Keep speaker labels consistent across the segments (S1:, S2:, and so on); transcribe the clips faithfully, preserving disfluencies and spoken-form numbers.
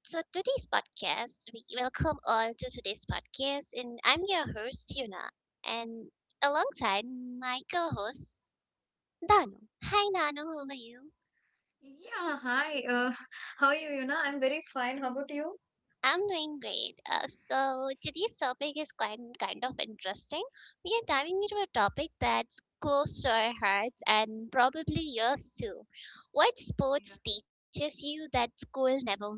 S1: So today's podcast, we welcome all to today's podcast, and I'm your host Yuna, and alongside my co-host Dano. Hi Dano, how are you?
S2: Yeah, hi. Uh, how are you, Yuna? I'm very fine. How about you?
S1: I'm doing great. Uh, so today's topic is quite kind of interesting. We are diving into a topic that's close to our hearts and probably yours too. What
S2: Yeah.
S1: sports teaches you that school never will?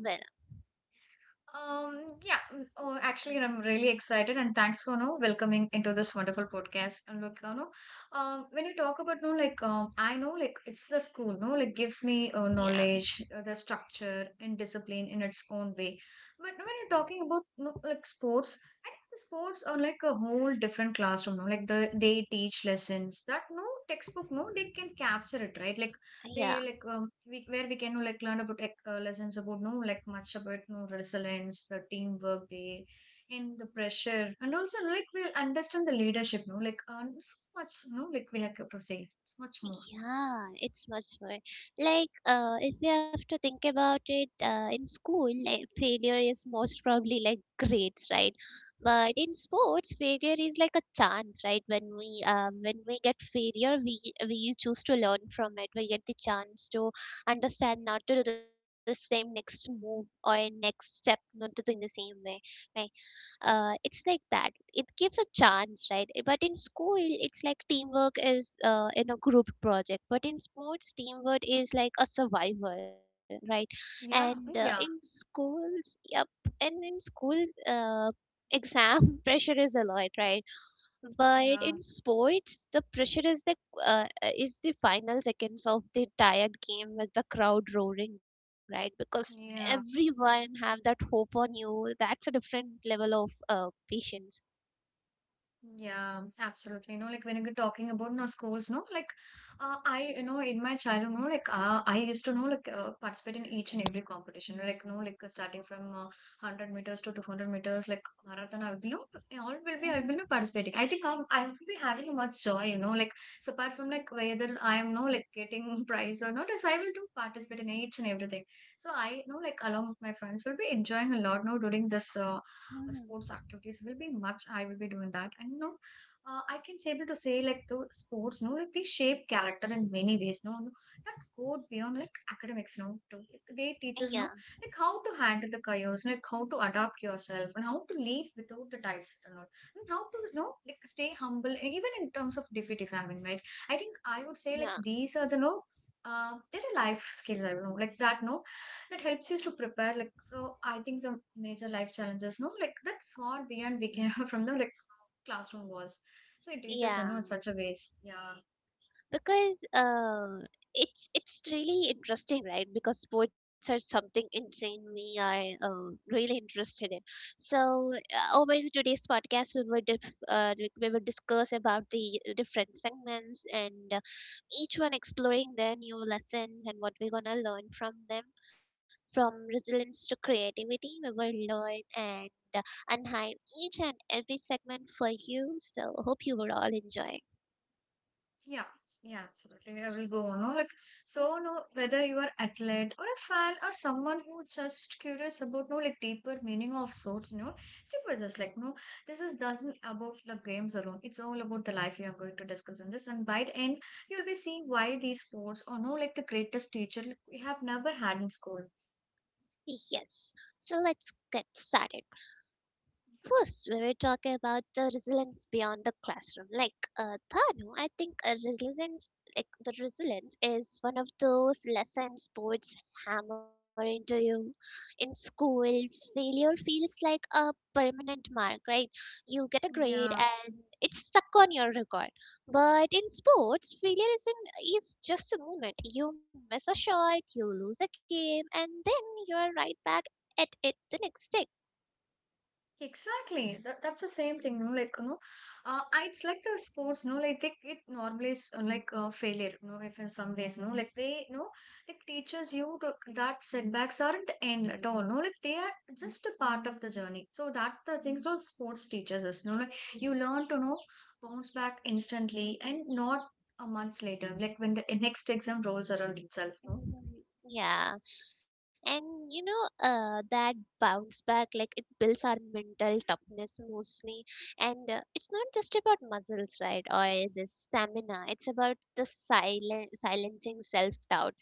S2: Um, yeah. mm, Oh, actually, I'm really excited, and thanks for no welcoming into this wonderful podcast. And look, you know, um, when you talk about no, like, um, I know, like, it's the school, no, like, gives me uh,
S1: Yeah,
S2: knowledge, uh, the structure and discipline in its own way. But when you're talking about no, like sports, I think the sports are like a whole different classroom, no, like the they teach lessons that no textbook, no, they can capture it, right? Like they
S1: yeah.
S2: like um, we, where we can like learn about like, uh, lessons about no like much about no resilience, the teamwork they and the pressure, and also no, like we'll understand the leadership. No, like um, so much. No, like we have to say it's much more.
S1: Yeah, it's much more like uh, if we have to think about it uh, in school, like, failure is most probably like grades, right? But in sports, failure is like a chance, right? When we um, when we get failure, we we choose to learn from it. We get the chance to understand not to do the same next move or next step, not to do in the same way, right? Uh, it's like that it gives a chance, right? Eh, but in school it's like teamwork is uh, in a group project, but in sports teamwork is like a survival, right? And uh,
S2: Yeah,
S1: in
S2: yeah,
S1: schools, yep. And in schools, uh, exam pressure is a lot, right? But in
S2: yeah,
S1: sports, the pressure is the uh, is the final seconds of the tired game with the crowd roaring, right? Because
S2: yeah.
S1: everyone have that hope on you. That's a different level of uh, patience.
S2: Yeah, absolutely. You know, like when you're talking about no schools, no, like uh, I, you know, in my childhood, no, like uh, I used to know, like uh, participate in each and every competition, like no, like uh, starting from uh, hundred meters to two hundred meters, like marathon. I will be, no, all will be, I will
S1: Hmm.
S2: be participating. I think um, I will be having much joy, you know, like so apart from like whether I am no like getting prize or not, as I will do participate in each and everything. So I you know, like along with my friends, will be enjoying a lot, no, during this uh, uh, sports
S1: Hmm.
S2: activities will be much I will be doing that. And you know, uh, I can say able to say like the sports no like they shape character in many ways no no, that go beyond like academics no too. Like, they teach
S1: Yeah,
S2: us no like how to handle the chaos, like how to adapt yourself and how to lead without the types and all, and how to you know like stay humble and even in terms of defeat if having, right? I think I would say like
S1: yeah,
S2: these are the no uh, they're life skills. I don't know, like that, no, that helps you to prepare like. So I think the major life challenges no like that far beyond we can from the like classroom walls, so it teaches you
S1: yeah.
S2: know in such a ways. Yeah,
S1: because uh, it's it's really interesting, right? Because sports are something insanely I uh, really interested in. So uh, over the today's podcast we would dif- uh, like, we would discuss about the different segments, and uh, each one exploring their new lessons and what we're gonna learn from them, from resilience to creativity we will learn and uh, unhide each and every segment for you, so hope you were all enjoying.
S2: yeah, yeah, absolutely. I will go on. No? Like, so no, whether you are athlete or a fan or someone who just curious about no like deeper meaning of sorts, you know, stick with us. Like, no, this is doesn't about the games alone. It's all about the life you are going to discuss in this. And by the end, you'll be seeing why these sports are no like the greatest teacher we have never had in school.
S1: Yes, so let's get started. First, we were talking about the resilience beyond the classroom. Like uh, Thanu, I think a resilience, like the resilience, is one of those lessons boards hammer into you. In school, failure feels like a permanent mark, right? You get a grade
S2: Yeah.
S1: and it's stuck on your record. But in sports, failure isn't is just a moment. You miss a shot, you lose a game, and then you're right back at it the next day.
S2: Exactly. That, that's the same thing, no? Like, you know, uh, I, it's like the sports, no? Like, they, it normalize, uh, like, uh, failure, no? If in some ways, no? Like, they, no? Like, teaches you to, that setbacks aren't the end at all, no? Like, they are just a part of the journey. So, that the things all sports teaches us, no? Like, you learn to, know, bounce back instantly and not a month later, like, when the next exam rolls around itself, no?
S1: Mhm. Yeah. And you know, uh, that bounce back like it builds our mental toughness mostly, and uh, it's not just about muscles, right? Or the stamina, it's about the silent silencing self doubt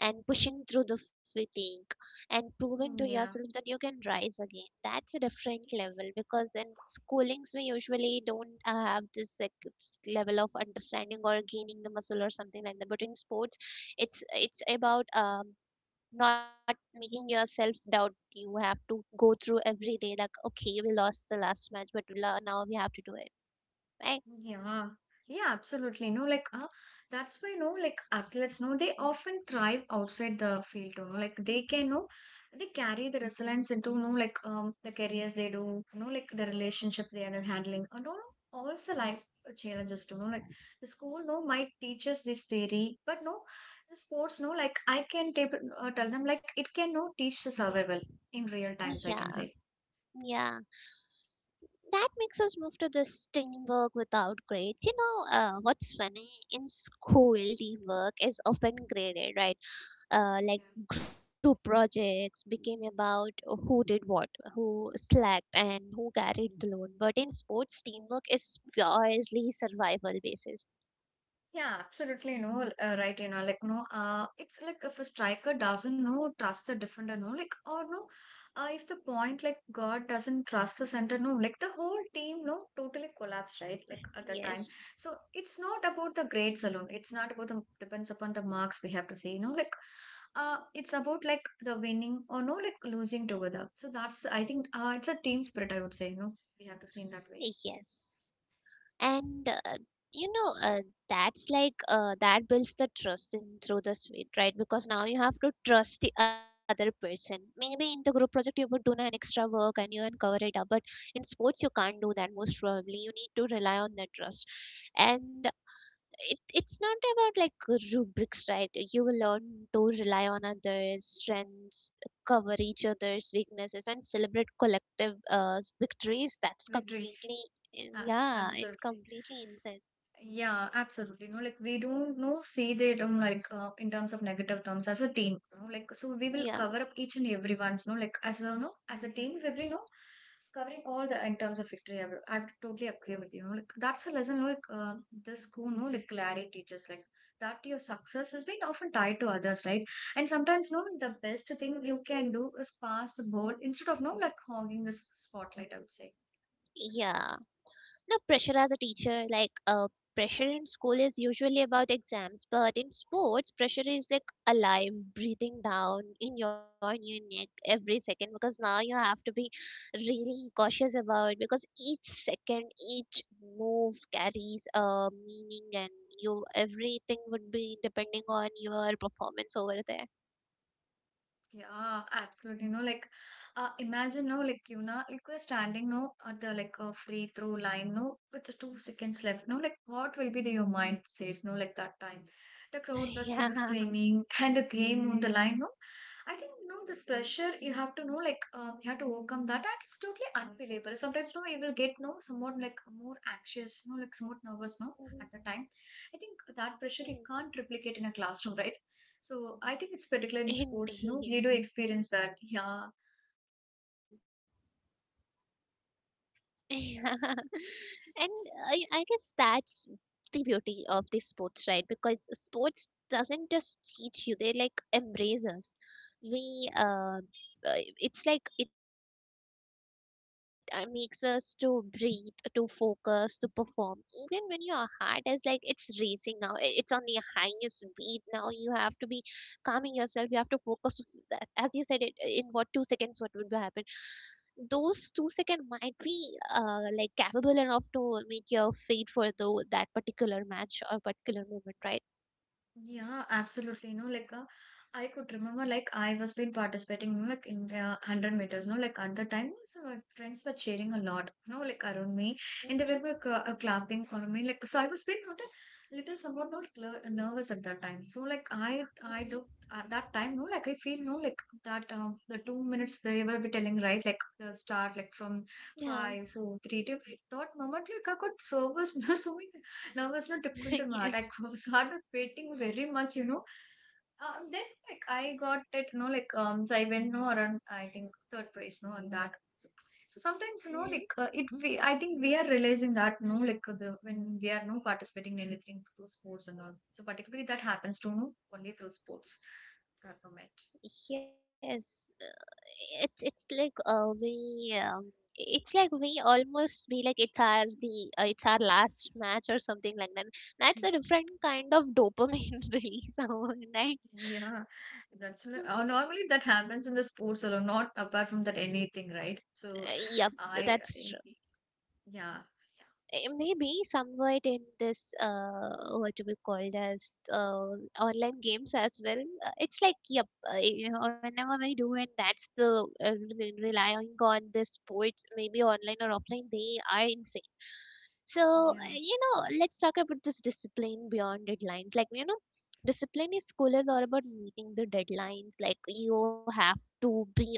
S1: and pushing through the fatigue and proving to
S2: Mm,
S1: yourself
S2: yeah.
S1: that you can rise again. That's a different level, because in schoolings we usually don't uh, have this like, s- level of understanding or gaining the muscle or something like that. But in sports, it's it's about um not making yourself doubt. You have to go through every day like, okay, we lost the last match, but we lo- now we have to do it, right?
S2: Yeah, yeah, absolutely. No, like uh, that's why no, like athletes, no, they often thrive outside the field. You know, like they can no, they carry the resilience into no, like um, the careers they do. No, like the relationships they are handling, and all also life challenges. You know, like the school no might teach us this theory, but no, the sports no, like I can tap- uh, tell them like it can no teach the survival in real times. I can
S1: Yeah,
S2: say.
S1: yeah, that makes us move to this teamwork without grades. You know, uh, what's funny, in school teamwork is often graded, right? Uh, like group projects became about who did what, who slacked and who carried the load, but in sports teamwork is purely survival basis.
S2: Yeah, absolutely no, uh, right, you know, like no, uh, it's like if a striker doesn't know trust the defender, no, like or no, uh, if the point like God doesn't trust the center, no, like the whole team, no, totally collapse, right? Like at the time,
S1: Yes.
S2: so it's not about the grades alone. It's not about the depends upon the marks we have to see, you know, like uh, it's about like the winning or no, like losing together. So that's I think uh, it's a team spirit. I would say, you know, we have to see in that way.
S1: Yes. And uh, you know, uh, that's like uh, that builds the trust in through the suite, right? Because now you have to trust the other person. Maybe in the group project you would do an extra work and you uncover it up, but in sports you can't do that most probably. You need to rely on that trust. And it it's not about like rubrics, right? You will learn to rely on others strengths, cover each other's weaknesses, and celebrate collective uh, victories. That's
S2: Victories.
S1: completely,
S2: Ah,
S1: yeah, it's
S2: absolutely.
S1: completely insane.
S2: Yeah, absolutely. No, like we don't no see the term like uh, in terms of negative terms as a team. No, like so we will
S1: Yeah,
S2: cover up each and every one's. No, like as a no as a team we will be no covering all the in terms of victory. I, will- I would totally agree with you. No, like that's a lesson. No, like uh, the school, no, like clarity teaches like that your success has been often tied to others, right? And sometimes no, the best thing you can do is pass the ball instead of no like hogging the s- spotlight. I would say.
S1: yeah. No, pressure as a teacher, like uh, pressure in school is usually about exams, but in sports, pressure is like alive, breathing down in your new neck every second, because now you have to be really cautious about, because each second, each move carries a meaning, and you everything would be depending on your performance over there.
S2: Yeah, absolutely. No, like, uh, imagine, no, like, you know, like we're standing, no, at the like a free throw line, no, with the two seconds left, no, like, what will be the, your mind says, no, like that time, the crowd was
S1: Yeah.
S2: being screaming and the game on the line, no, I think, no, this pressure you have to know, like, uh, you have to overcome that, and it's totally unbelievable. Sometimes, no, you will get, no, somewhat like more anxious, no, like somewhat
S1: Mhm,
S2: nervous, no, at the time. I think that
S1: mhm.
S2: pressure you can't replicate in a classroom, right? So I think it's particular in sports, you know,
S1: Indeed.
S2: we do experience that. Yeah,
S1: Yeah. And I, I guess that's the beauty of the sports, right? Because sports doesn't just teach you; they like embrace us. We, uh, uh, it's like it uh, makes us to breathe, to focus, to perform. Even when your heart is like it's racing now, i- it's on the highest beat now. You have to be calming yourself. You have to focus. That, as you said, it in what two seconds what would happen, those two seconds might be uh, like capable enough to make your fate for the that particular match or particular moment, right?
S2: yeah, absolutely. No, like uh, I could remember, like I was been participating, you know, like in the hundred meters. No, like at the time, so my friends were cheering a lot. No, like around me, and
S1: Hmm.
S2: they were like uh, uh, clapping for me. Like so, I was been not a little somewhat not clear, nervous at that time. So like I I
S1: Hmm.
S2: do at that time. No, like I feel no like that uh, the two minutes they were be telling right like the start like from
S1: Yeah.
S2: five, four, three, two. I thought moment like I got service. So many. And I was not acquainted with art.
S1: Yes.
S2: I was not painting very much, you know. Um, then like I got it, you know, like um, so I went no around I think third place, no, on that. So, so sometimes you know, like
S1: Hmm.
S2: uh, it. We I think we are realizing that no, like uh, the when we are no participating in anything through sports and all. So particularly that happens to no only through sports. That moment.
S1: Yes. Uh, It's it's like uh, we um, it's like we almost be like it's our the uh, it's our last match or something like that. That's a different kind of dopamine release, right?
S2: Yeah, that's n- uh, normally that happens in the sports alone, not apart from that anything, right?
S1: Uh,
S2: So
S1: yep,
S2: I,
S1: that's
S2: I- yeah,
S1: eh, maybe somewhat in this uh, what do we call as uh, online games as well. Uh, it's like yep, uh, you know, whenever we do it, that's the uh, re- relying on the sports, maybe online or offline, they are insane. So
S2: yeah.
S1: uh, you know, let's talk about this discipline beyond deadlines. Like, you know, discipline in school is all about meeting the deadlines. Like, you have to be on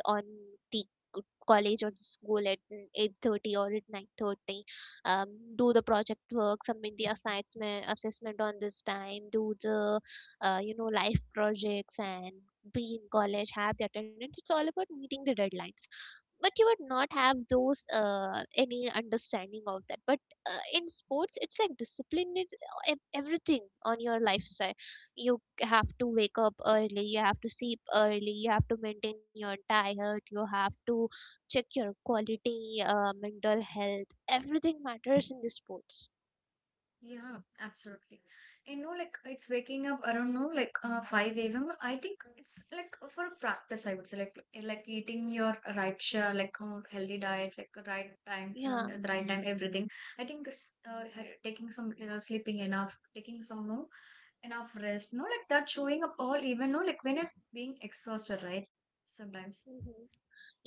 S1: the uh, college or the school at eight thirty or at nine thirty, um, do the project work, submit the assignment assessment on this time, do the uh, you know life projects and be in college, have the attendance. It's all about meeting the deadlines, but you would not have those uh, any understanding of that. But uh, in sports it's like discipline is ev- everything on your lifestyle. You have to wake up early, you have to sleep early, you have to maintain your diet, you have to check your quality uh, mental health. Everything matters in the sports.
S2: Yeah, absolutely. You know, like it's waking up around no like uh, five a m. I think it's like for a practice, I would say, like eh, like eating your right share, like uh, healthy diet, like right time, um,
S1: Yeah.
S2: the right time, everything. I think s- uh, ha- taking some uh, sleeping enough, taking some no enough rest, no like that showing up all even no like when you're being exhausted, right? Sometimes.
S1: Hmm.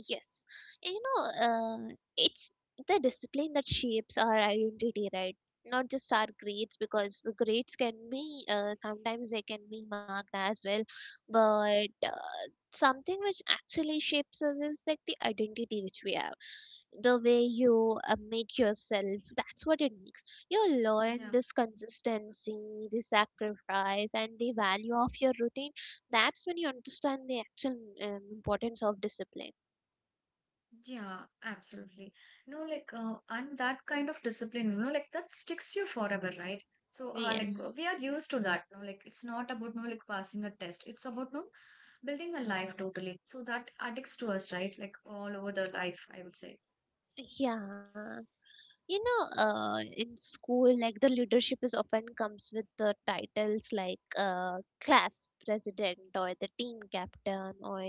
S1: Yes. And you know, uh, it's the discipline that shapes our identity, right? Not just our grades, because the grades can be, uh, sometimes they can be marked as well. But uh, something which actually shapes us is like the identity which we have. The way you uh, make yourself, that's what it makes you learn
S2: Yeah.
S1: this consistency, the sacrifice and the value of your routine. That's when you understand the actual um, importance of discipline.
S2: Yeah, absolutely. You know, like, uh, and that kind of discipline, you know, like that sticks you forever, right? So, uh, like, mm, uh,
S1: Yes.
S2: we are used to that. No, like, it's not about no, like, passing a test. It's about no, building a life totally. So that addicts to us, right? Like all over the life, I would say.
S1: Yeah, you know, uh, in school like the leadership is often comes with the titles, like uh, class president or the team captain or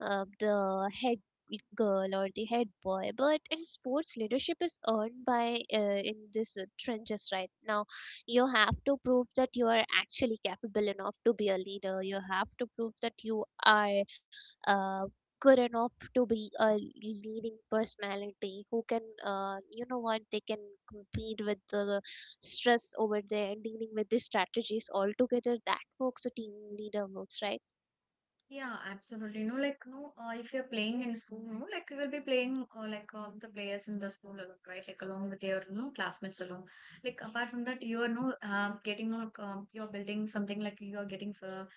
S1: uh, the head girl or the head boy. But in sports leadership is earned by uh, in this uh, trenches, right? Now you have to prove that you are actually capable enough to be a leader. You have to prove that you are uh, good enough to be a leading personality who can uh, you know what, they can compete with the stress over there and dealing with the strategies altogether, that works a team leader works, right?
S2: Yeah, absolutely. No, like no, uh, if you're playing in school, no, like you will be playing uh, like uh, the players in the school along, right? Like along with your you know, classmates along. Like apart from that, you are no uh, getting no, like um you're building something like you are getting for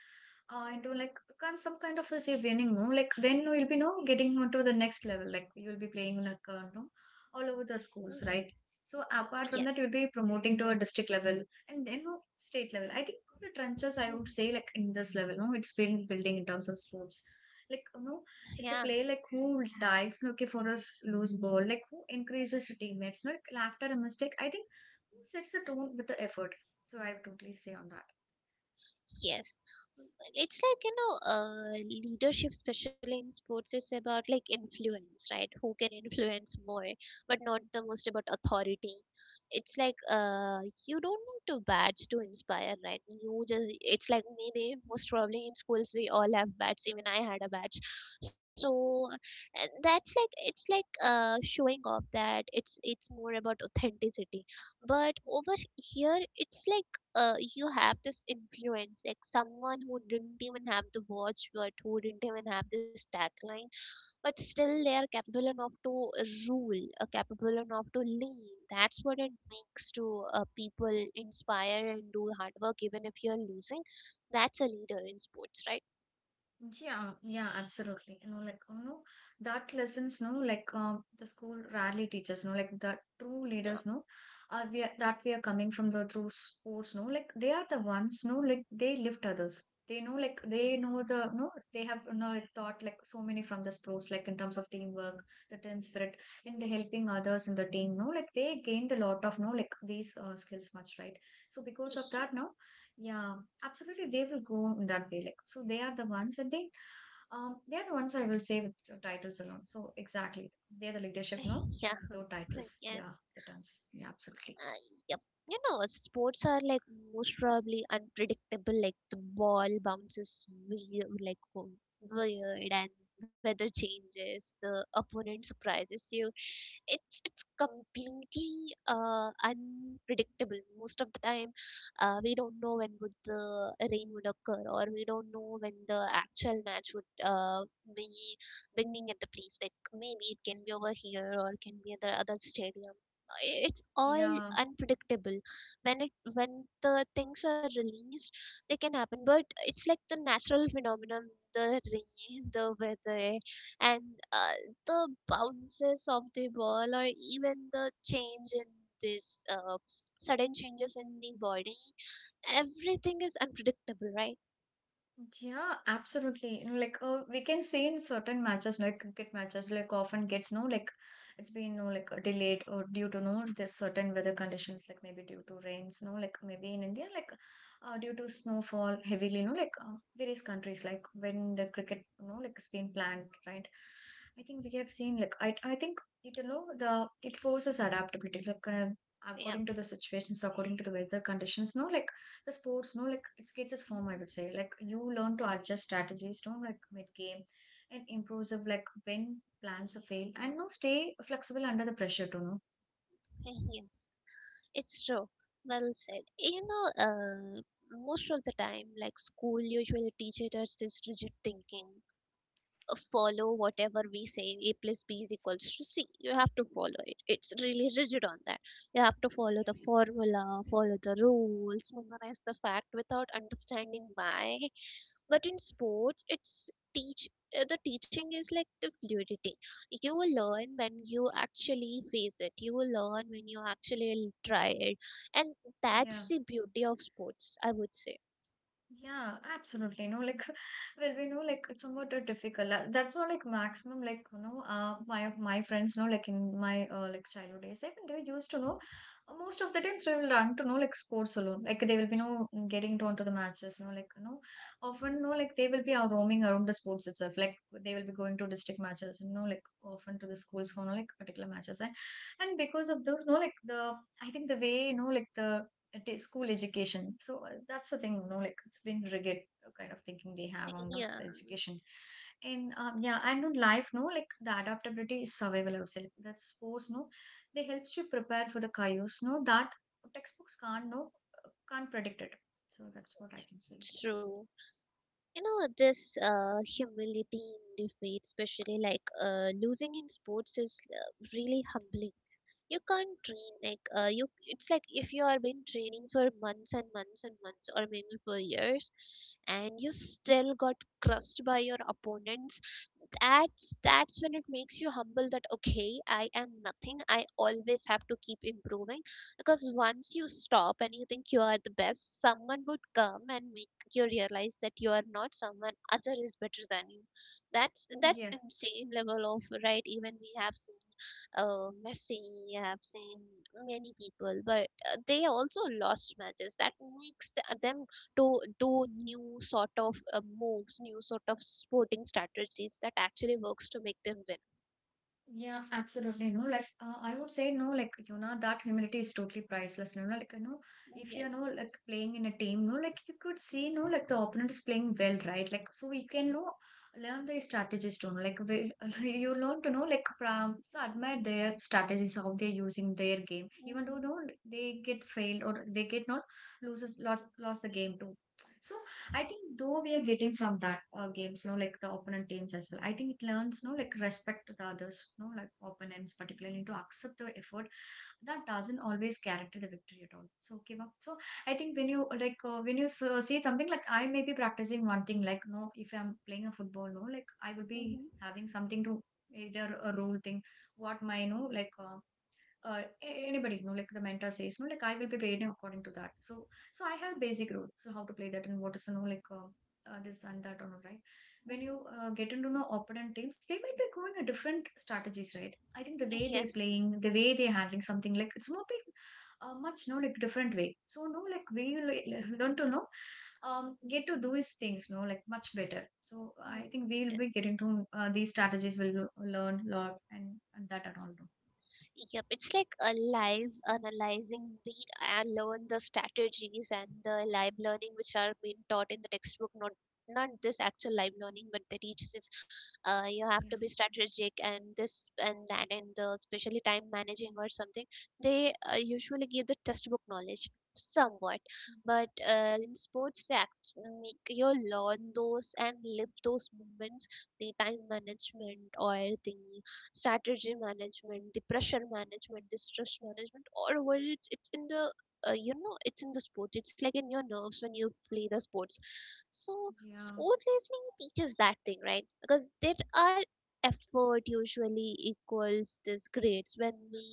S2: uh, into like kind some kind of a say winning, no? Like then you'll be no getting onto the next level. Like you'll be playing like uh, no all over the schools,
S1: Hmm.
S2: right? So apart from that, you'll
S1: Yes.
S2: be promoting to a district level, and then no state level. I think no, the trenches, I would
S1: Mhm.
S2: say, like in this level, no, it's been building in terms of sports. Like, you know,
S1: Yeah.
S2: it's a play like who dives, no, okay, for a s- loose ball, like who encourages your teammates, no, like, after a mistake. I think who sets the tone with the effort. So I would totally say on that.
S1: Yes. It's like, you know, uh, leadership, especially in sports, it's about like influence, right? Who can influence more, but not the most about authority. It's like, uh, you don't need to badge to inspire, right? You just, it's like maybe most probably in schools we all have badges. Even I had a badge. So uh, that's like, it's like, uh, showing off that it's, it's more about authenticity. But over here, it's like, uh, you have this influence, like someone who didn't even have the watchword, who didn't even have this tagline, but still they are capable enough to rule, uh, capable enough to lead. That's what it makes to uh, people inspire and do hard work, even if you're losing. That's a leader in sports, right?
S2: Yeah, yeah, absolutely. You know, like you know, that lessons, no, like um, the school rarely teaches, no, like the true
S1: No.
S2: leaders, no, uh, we are, that we are coming from the through sports, no, like they are the ones, no, like they lift others. They know, like they know the no, they have you know, like taught like so many from the sports, like in terms of teamwork, the team spirit, in the helping others in the team, no, like they gained a lot of no, like these uh, skills much, right? So because of that, now,
S1: Yes.
S2: yeah, absolutely, they will go in that way, like so they are the ones and they um, they're the ones I will say with the titles alone. So exactly, they're the leadership, no?
S1: Yeah.
S2: Like without titles.
S1: Yes.
S2: Yeah, the terms. Yeah, absolutely.
S1: Uh, yep. You know, uh, sports are like most probably unpredictable. Like the ball bounces weird, like w- weird, and weather changes. The opponent surprises you, it's it's completely uh, unpredictable most of the time. Uh, we don't know when would the rain would occur, or we don't know when the actual match would uh, be beginning at the place, like maybe it can be over here or it can be at the other stadium. I- it's all
S2: Yeah.
S1: unpredictable. When it when the things are released, they can happen, but it's like the natural phenomenon, the rain, the weather, and uh, the bounces of the ball or even the change in this uh, sudden changes in the body, everything is unpredictable, right?
S2: Yeah, absolutely. You know, like uh, we can see in certain matches, like cricket matches, like often gets no like it's been no like uh, delayed or due to no there's certain weather conditions, like maybe due to rains, no like maybe in India, like uh, due to snowfall heavily, no like uh, various countries, like when the cricket, no, like it's been planned, right? I think we have seen like I I think it you know the it forces adaptability, like uh,
S1: Yeah.
S2: according to the situations, according to the weather conditions, no like the sports no like it's gets its form, I
S1: Mhm.
S2: would say, like you learn to adjust strategies don't like mid game and improve like when plans fail and no stay flexible under the pressure to know.
S1: Yeah, it's true. Well said. You know uh, most of the time, like, school usually teaches us this rigid thinking. Follow whatever we say, a plus b is equals to c, you have to follow it. It's really rigid on that. You have to follow the formula, follow the rules, memorize the fact without understanding why. But in sports it's teach, uh, the teaching is like the fluidity. You will learn when you actually face it, you will learn when you actually try it. And
S2: Yeah.
S1: that's the beauty of sports, I would say.
S2: Yeah, absolutely. No, like, well, we know like it's somewhat uh, difficult. Uh, That's not like maximum. Like, you know, uh, my of my friends know like in my uh, like childhood days, even they used to know.
S1: Mhm,
S2: uh, Most of the times they will run to know like sports alone. Like they will be no getting down to the matches. You know, like you know,
S1: mhm.
S2: often no like they will be uh, roaming around the sports itself. Like they will be going to district matches. You know, like often to the schools for no like particular matches. And and because of those, no like the I think the way you know like the t- school education. So uh, that's the thing, you know, like it's been rigid uh, kind of thinking they have on those
S1: Yeah,
S2: education. And um, yeah, and in life, no, like the adaptability is survival, I would say. Like, that sports, no, they helps you prepare for the chaos, no, that textbooks can't, no, uh, can't predict it. So that's what I can say.
S1: true. You know this uh, Humility in defeat, especially like uh, losing in sports, is uh, really humbling. You can't train like uh, you it's like if you are been training for months and months and months, or maybe for years, and you still got crushed by your opponents. That's that's when it makes you humble, that okay, I am nothing, I always have to keep improving. Because once you stop and you think you are the best, someone would come and make you realize that you are not, someone other is better than you. that's
S2: Mm.
S1: that's
S2: Yeah.
S1: insane level of right. Even we have seen. Oh, Messi, I have seen many people, but uh, they also lost matches. That makes th- uh, them to do new sort of uh, moves, new sort of sporting strategies that actually works to make them win.
S2: Yeah, absolutely. No, like uh, I would say no, like you know that humility is totally priceless. No, no, like you know if you know
S1: Yes.
S2: like playing in a team, no, like you could see no like the opponent is playing well, right? Like so we can know learn their strategies too. Know, like we, you learn to know like from so admire their strategies how they're using their game, even though
S1: Mm-hmm.
S2: no they get failed or they get not loses lost lost the game too. So I think though we are getting from that uh, games, no, like the opponent teams as well. I think it learns, no, like respect to the others, no, like opponents particularly to accept the effort that doesn't always guarantee the victory at all. So give up. So I think when you like uh, when you s- uh, see something like I may be practicing one thing, like no, if I'm playing a football, no, like I will be
S1: Mm-hmm.
S2: having something to either a role thing, what my no, like. Uh, uh, a- anybody you know like the mentor says you know, like I will be playing according to that so so I have basic rule so how to play that and what is you know like uh, uh, this and that or right when
S1: Mm-hmm.
S2: you uh, get into know opponent teams they might be going a different strategies right I think the way they're
S1: Yes.
S2: playing the way they're handling something like it's more bit uh, much no like different way so no like we will learn to know um get to do these things no like much better so I
S1: Mm.
S2: think we'll be getting to uh, these strategies will learn a lot and, and that and all. No?
S1: Yep, it's like a live analyzing me and learn the strategies and the live learning, which are being taught in the textbook. Not not this actual live learning, but the teaches is uh, you have to be strategic and this and that, and the especially time managing or something. They uh, usually give the textbook knowledge somewhat, but uh, in sports they act- make you learn those and live those moments, the time management or the strategy management, the pressure management, the stress management. All over it's, it's in the uh, you know it's in the sport. It's like in your nerves when you play the sports. So
S2: Yeah. Yeah.
S1: sport labeling teaches that thing, right? Because there are effort usually equals this grades when we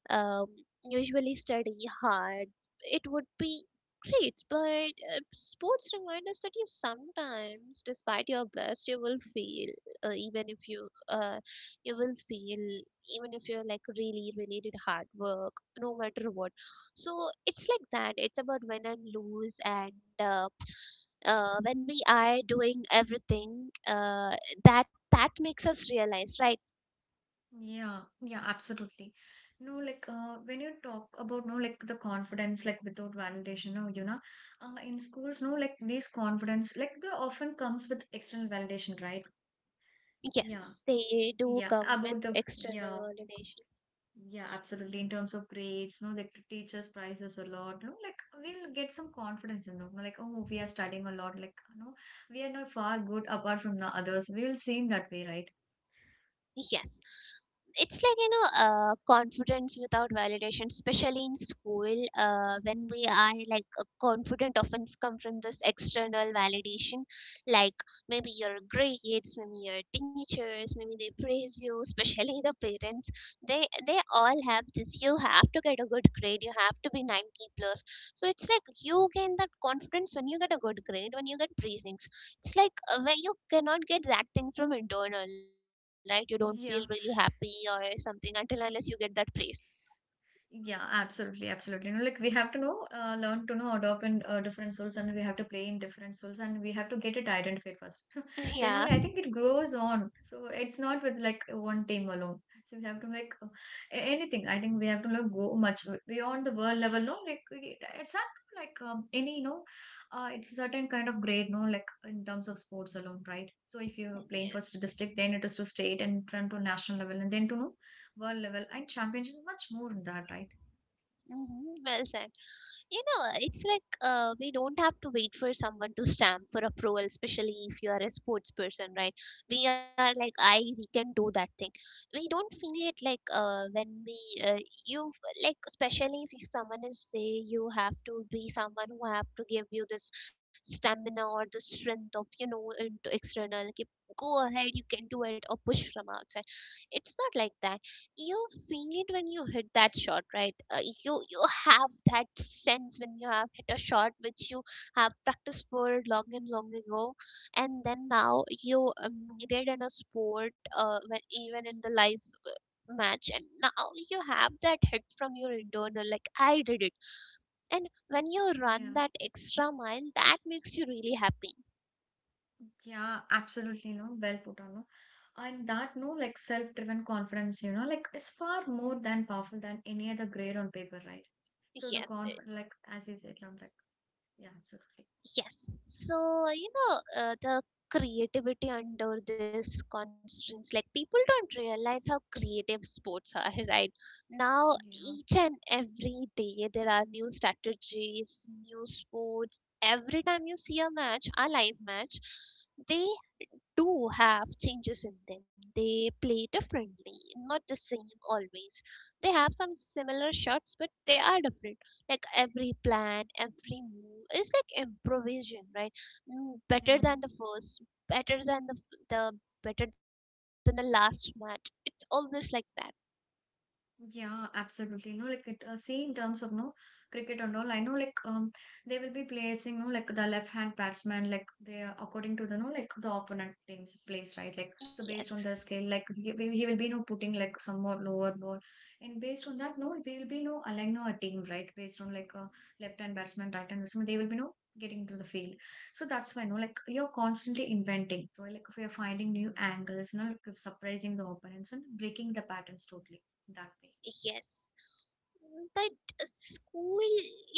S1: um, usually study hard, it would be great. But uh, sports remind us that you sometimes, despite your best, you will fail. Uh, even if you uh, you will fail, even if you're like really really did hard work, no matter what. So it's like that. It's about win and lose, and uh, uh, when we are doing everything, uh, that that makes us realize, right?
S2: Yeah, yeah, absolutely. No, like uh, when you talk about no, like the confidence, like without validation, no, you know, uh, in schools, no, like this confidence, like the often comes with external validation, right? Yeah,
S1: Yes, they do
S2: yeah,
S1: come with
S2: about the
S1: external
S2: yeah,
S1: validation.
S2: yeah, absolutely. In terms of grades, no, like the teachers prize us a lot, no, like we'll get some confidence in them, no, like oh, we are studying a lot, like no, we are not far good apart from the others. We will seem that way, right?
S1: Yes. It's like, you know, uh, confidence without validation, especially in school, uh, when we are like uh, confident, often come from this external validation, like maybe your grades, maybe your teachers, maybe they praise you, especially the parents. They they all have this. You have to get a good grade. You have to be ninety plus. So it's like you gain that confidence when you get a good grade, when you get praisings. It's like uh, where you cannot get that thing from internal, right? You don't feel really happy
S2: Yeah.
S1: or something until unless you get that place.
S2: Yeah, absolutely, absolutely. You know, like we have to know, uh, learn to know, adopt in uh, different souls, and we have to play in different souls, and we have to get it identified first. Then,
S1: Yeah.
S2: only I think it grows on. So it's not with like one team alone. So we have to like uh, a- anything. I think we have to like go much w- beyond the world level. No, like it, it's not like um, any you know, uh, it's a certain kind of grade. No, like in terms of sports alone, right? So if you're playing
S1: Yes.
S2: first district, then it is to state and then to national level, and then to know world level and championships much more than that, right?
S1: Hmm, well said. You know, it's like uh, we don't have to wait for someone to stamp for approval, especially if you are a sports person, right? We are like, I, we can do that thing. We don't feel it like uh, when we, uh, you, like, especially if someone is, say, you have to be someone who have to give you this stamina or the strength of, you know, into external, like, go ahead, you can do it, or push from outside. It's not like that. You feel it when you hit that shot, right? Uh, you you have that sense when you have hit a shot which you have practiced for long and long ago, and then now you um, did in a sport, uh, when, even in the live match, and now you have that hit from your internal, like, I did it. And when you run
S2: Yeah,
S1: that extra mile, that makes you really happy.
S2: yeah, absolutely, no, well put on, no. And that, no, like self-driven confidence, you know, like is far more than powerful than any other grade on paper, right? So the
S1: Yes.
S2: conf, like as you said, no, like yeah, absolutely,
S1: Yes. So, you know, uh, the creativity under this constraints, like people don't realize how creative sports are, right? Now,
S2: yeah,
S1: each and every day, there are new strategies, new sports. Every time you see a match, a live match, they do have changes in them. They play differently, not the same always. They have some similar shots, but they are different. Like every plan, every move is like improvisation, right? Mm,
S2: yeah.
S1: better than the first, better than the the better than the last match. It's always like that.
S2: Yeah, absolutely. You know, like it, uh, see in terms of no cricket and all. I know, like um, they will be placing, no, like the left hand batsman, like they are according to the no, like the opponent team's place, right? Like so, based on the
S1: Yes,
S2: scale, like he, he he will be no putting like somewhat lower ball, and based on that, no, they will be no aligning no, a team, right? Based on like uh, left hand batsman, right hand batsman, they will be no getting to the field. So that's why, no, like you're constantly inventing, right? Like if you're finding new angles, you know, like surprising the opponents and breaking the patterns totally that way.
S1: yes. But uh, school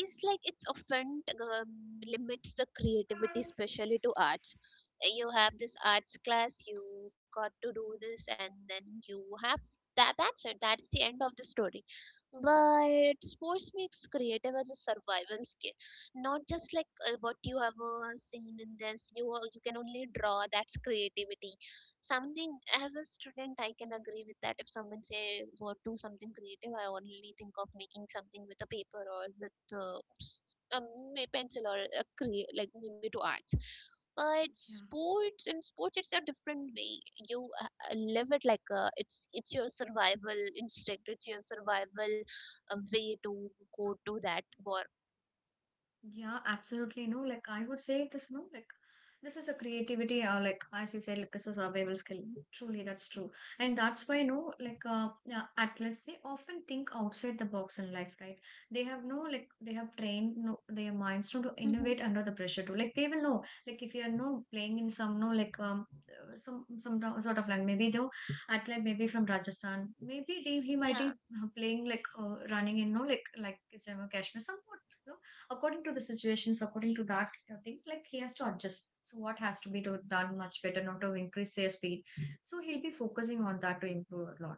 S1: is like, it's often um, limits the creativity, especially to arts. Uh, You have this arts class, you got to do this, and then you have that. That's it. That's the end of the story. But sports makes creative as a survival skill, not just like uh, what you have uh, seen in this. You uh, you can only draw. That's creativity. Something as a student, I can agree with that. If someone say, "What do something creative," I only think of making something with a paper or with uh, s- um, may pencil or a cre- like maybe to arts. But
S2: 讲
S1: sports, in sports, it's a different way. You uh, uh, live it like a, it's it's your survival instinct. It's your survival uh, way to go to that war.
S2: Yeah, absolutely. No, like I would say it is no, like this is a creativity, or like as you said, like this is a survival skill. Truly, that's true. And that's why, no, like uh, yeah, athletes, they often think outside the box in life, right? They have no, like, they have trained no, their minds to, to
S1: Hmm.
S2: innovate under the pressure too. Like, they will know, like, if you are no playing in some, no, like, um, uh, some some do- sort of land maybe though athlete maybe from Rajasthan maybe they, he might be
S1: Yeah.
S2: uh, playing like uh, running in no like like Jammu Kashmir somewhat according to the situations, according to that uh, things, like he has to adjust. So what has to be do, done much better, not to increase their speed. So he'll be focusing on that to improve a lot.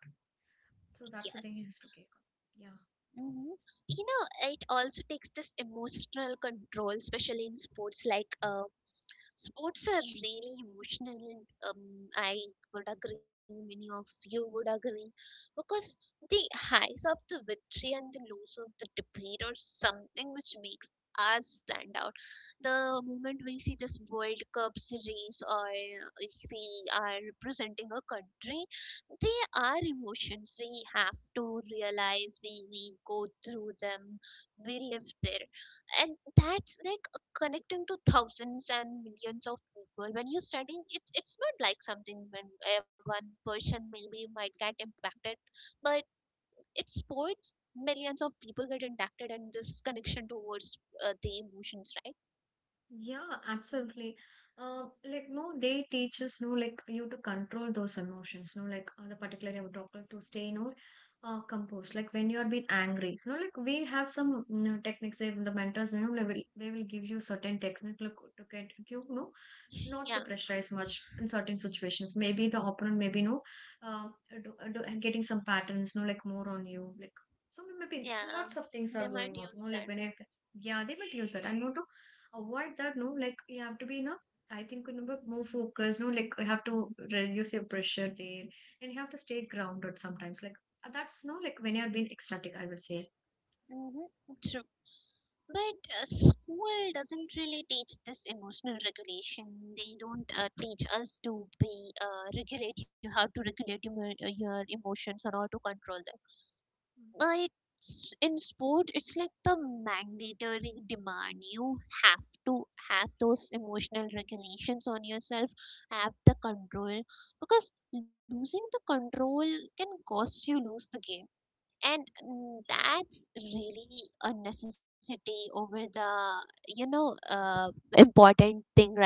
S2: So that's the thing he
S1: Yes.
S2: has to take on. Yeah.
S1: Hmm. You know, it also takes this emotional control, especially in sports like uh, sports are really emotional, and um, I would agree, many of you would agree, because the highs of the victory and the lows of the defeat are something which makes us stand out. The moment we see this World Cup series, or if we are representing a country, they are emotions. We have to realize we, we go through them, we live there, and that's that connecting to thousands and millions of people. When you're studying, it's it's not like something when uh, one person maybe might get impacted, but it's sports, millions of people get impacted, and this connection towards uh, the emotions, right?
S2: Yeah, absolutely. Uh, like, no, they teach us, no, like, you to control those emotions, no, like, uh, the particular I'm talking to stay, no, uh, composed. Like, when you are being angry, no, like, we have some you know, techniques, they, the mentors, you know, they will, they will give you certain techniques, like, to get you, no,
S1: Yeah.
S2: not to pressurize much in certain situations. Maybe the opponent, maybe, no, uh, do, do, getting some patterns, no, like, more on you, like, so maybe
S1: Yeah,
S2: lots of things
S1: they
S2: are
S1: might
S2: going on,
S1: use
S2: no,
S1: that.
S2: like, when I, yeah, they will use it. I know avoid that no like you have to be no I think you know, more focused no like you have to reduce your pressure there and you have to stay grounded sometimes like uh, that's no like when you have been ecstatic I will say.
S1: Mm-hmm. True. But uh, school doesn't really teach this emotional regulation. They don't uh, teach us to be uh, regulate you have to regulate your, uh, your emotions, or how to control them. But s- in sport, it's like the mandatory demand. You have to have those emotional regulations on yourself, have the control, because losing the control can cost you lose the game. And mm, that's really a necessity over the, you know, uh, important thing, right?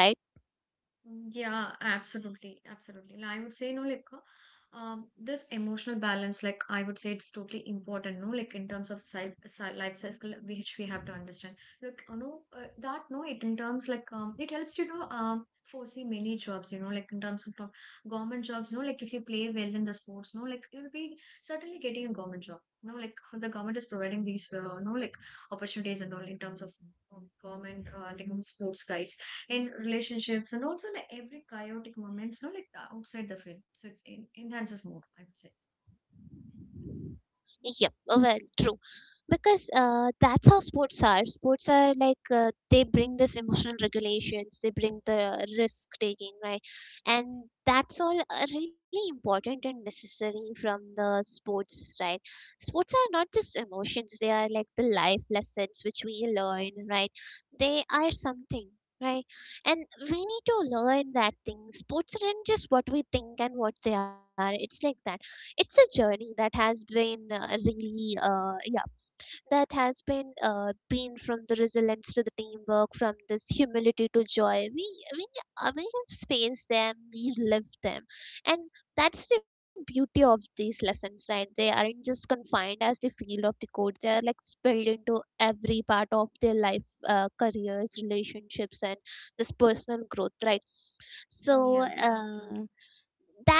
S2: Yeah, absolutely, absolutely. And I would say, no, like, uh, um, this emotional balance, like, I would say it's totally important, no, like, in terms of side, side life cycle, which we have to understand. Look, you know, uh, that, no, it in terms, like, um, it helps you know, um, foresee many jobs, you know, like, in terms of uh, government jobs, no, like, if you play well in the sports, no, like, you'll be certainly getting a government job. No, like the government is providing these, uh, no, like opportunities and all in terms of um, government, uh, like sports guys in relationships and also like every chaotic moments, no, like the outside the field. So it's in, enhances more, I would say.
S1: Yep. Uh, well, true. Because uh, that's how sports are. Sports are like uh, they bring this emotional regulations, they bring the risk taking, right? And that's all uh, really important and necessary from the sports, right? Sports are not just emotions, they are like the life lessons which we learn, right? They are something, right? And we need to learn that thing. Sports aren't just what we think and what they are, it's like that. It's a journey that has been uh, really uh, yeah, that has been uh, been from the resilience to the teamwork, from this humility to joy. We we uh, we have spaced them, we lived them, and that's the beauty of these lessons, right? They aren't just confined as the field of the code. They are like spilled into every part of their life, uh, careers, relationships, and this personal growth, right?
S2: Yeah,
S1: So.
S2: absolutely.
S1: Uh,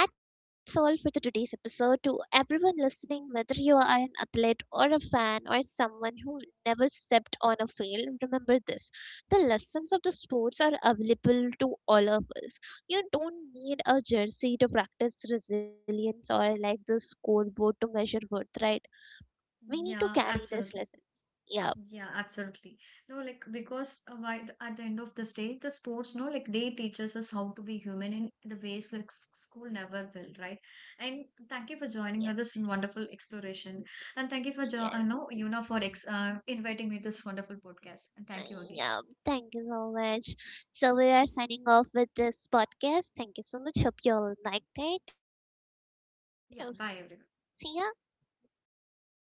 S1: That's all for the today's episode. To everyone listening, whether you are an athlete or a fan or someone who never stepped on a field, remember this. The lessons of the sports are available to all of us. You don't need a jersey to practice resilience or like the scoreboard to measure worth, right? We need to
S2: Yeah,
S1: carry these
S2: absolutely.
S1: lessons. Yeah,
S2: Yeah, absolutely. No, like because uh, why th- at the end of the day, the sports, no, like they teaches us how to be human in the ways like s- school never will, right? And thank you for joining
S1: yes,
S2: us in wonderful exploration, and thank you for jo- uh,
S1: yes.
S2: no, Yuna for ex- uh, inviting me this wonderful podcast, and thank you again.
S1: Yeah, thank you so much. So we are signing off with this podcast. Thank you so much. Hope you all liked it. See ya.
S2: Yeah, bye everyone. Yeah.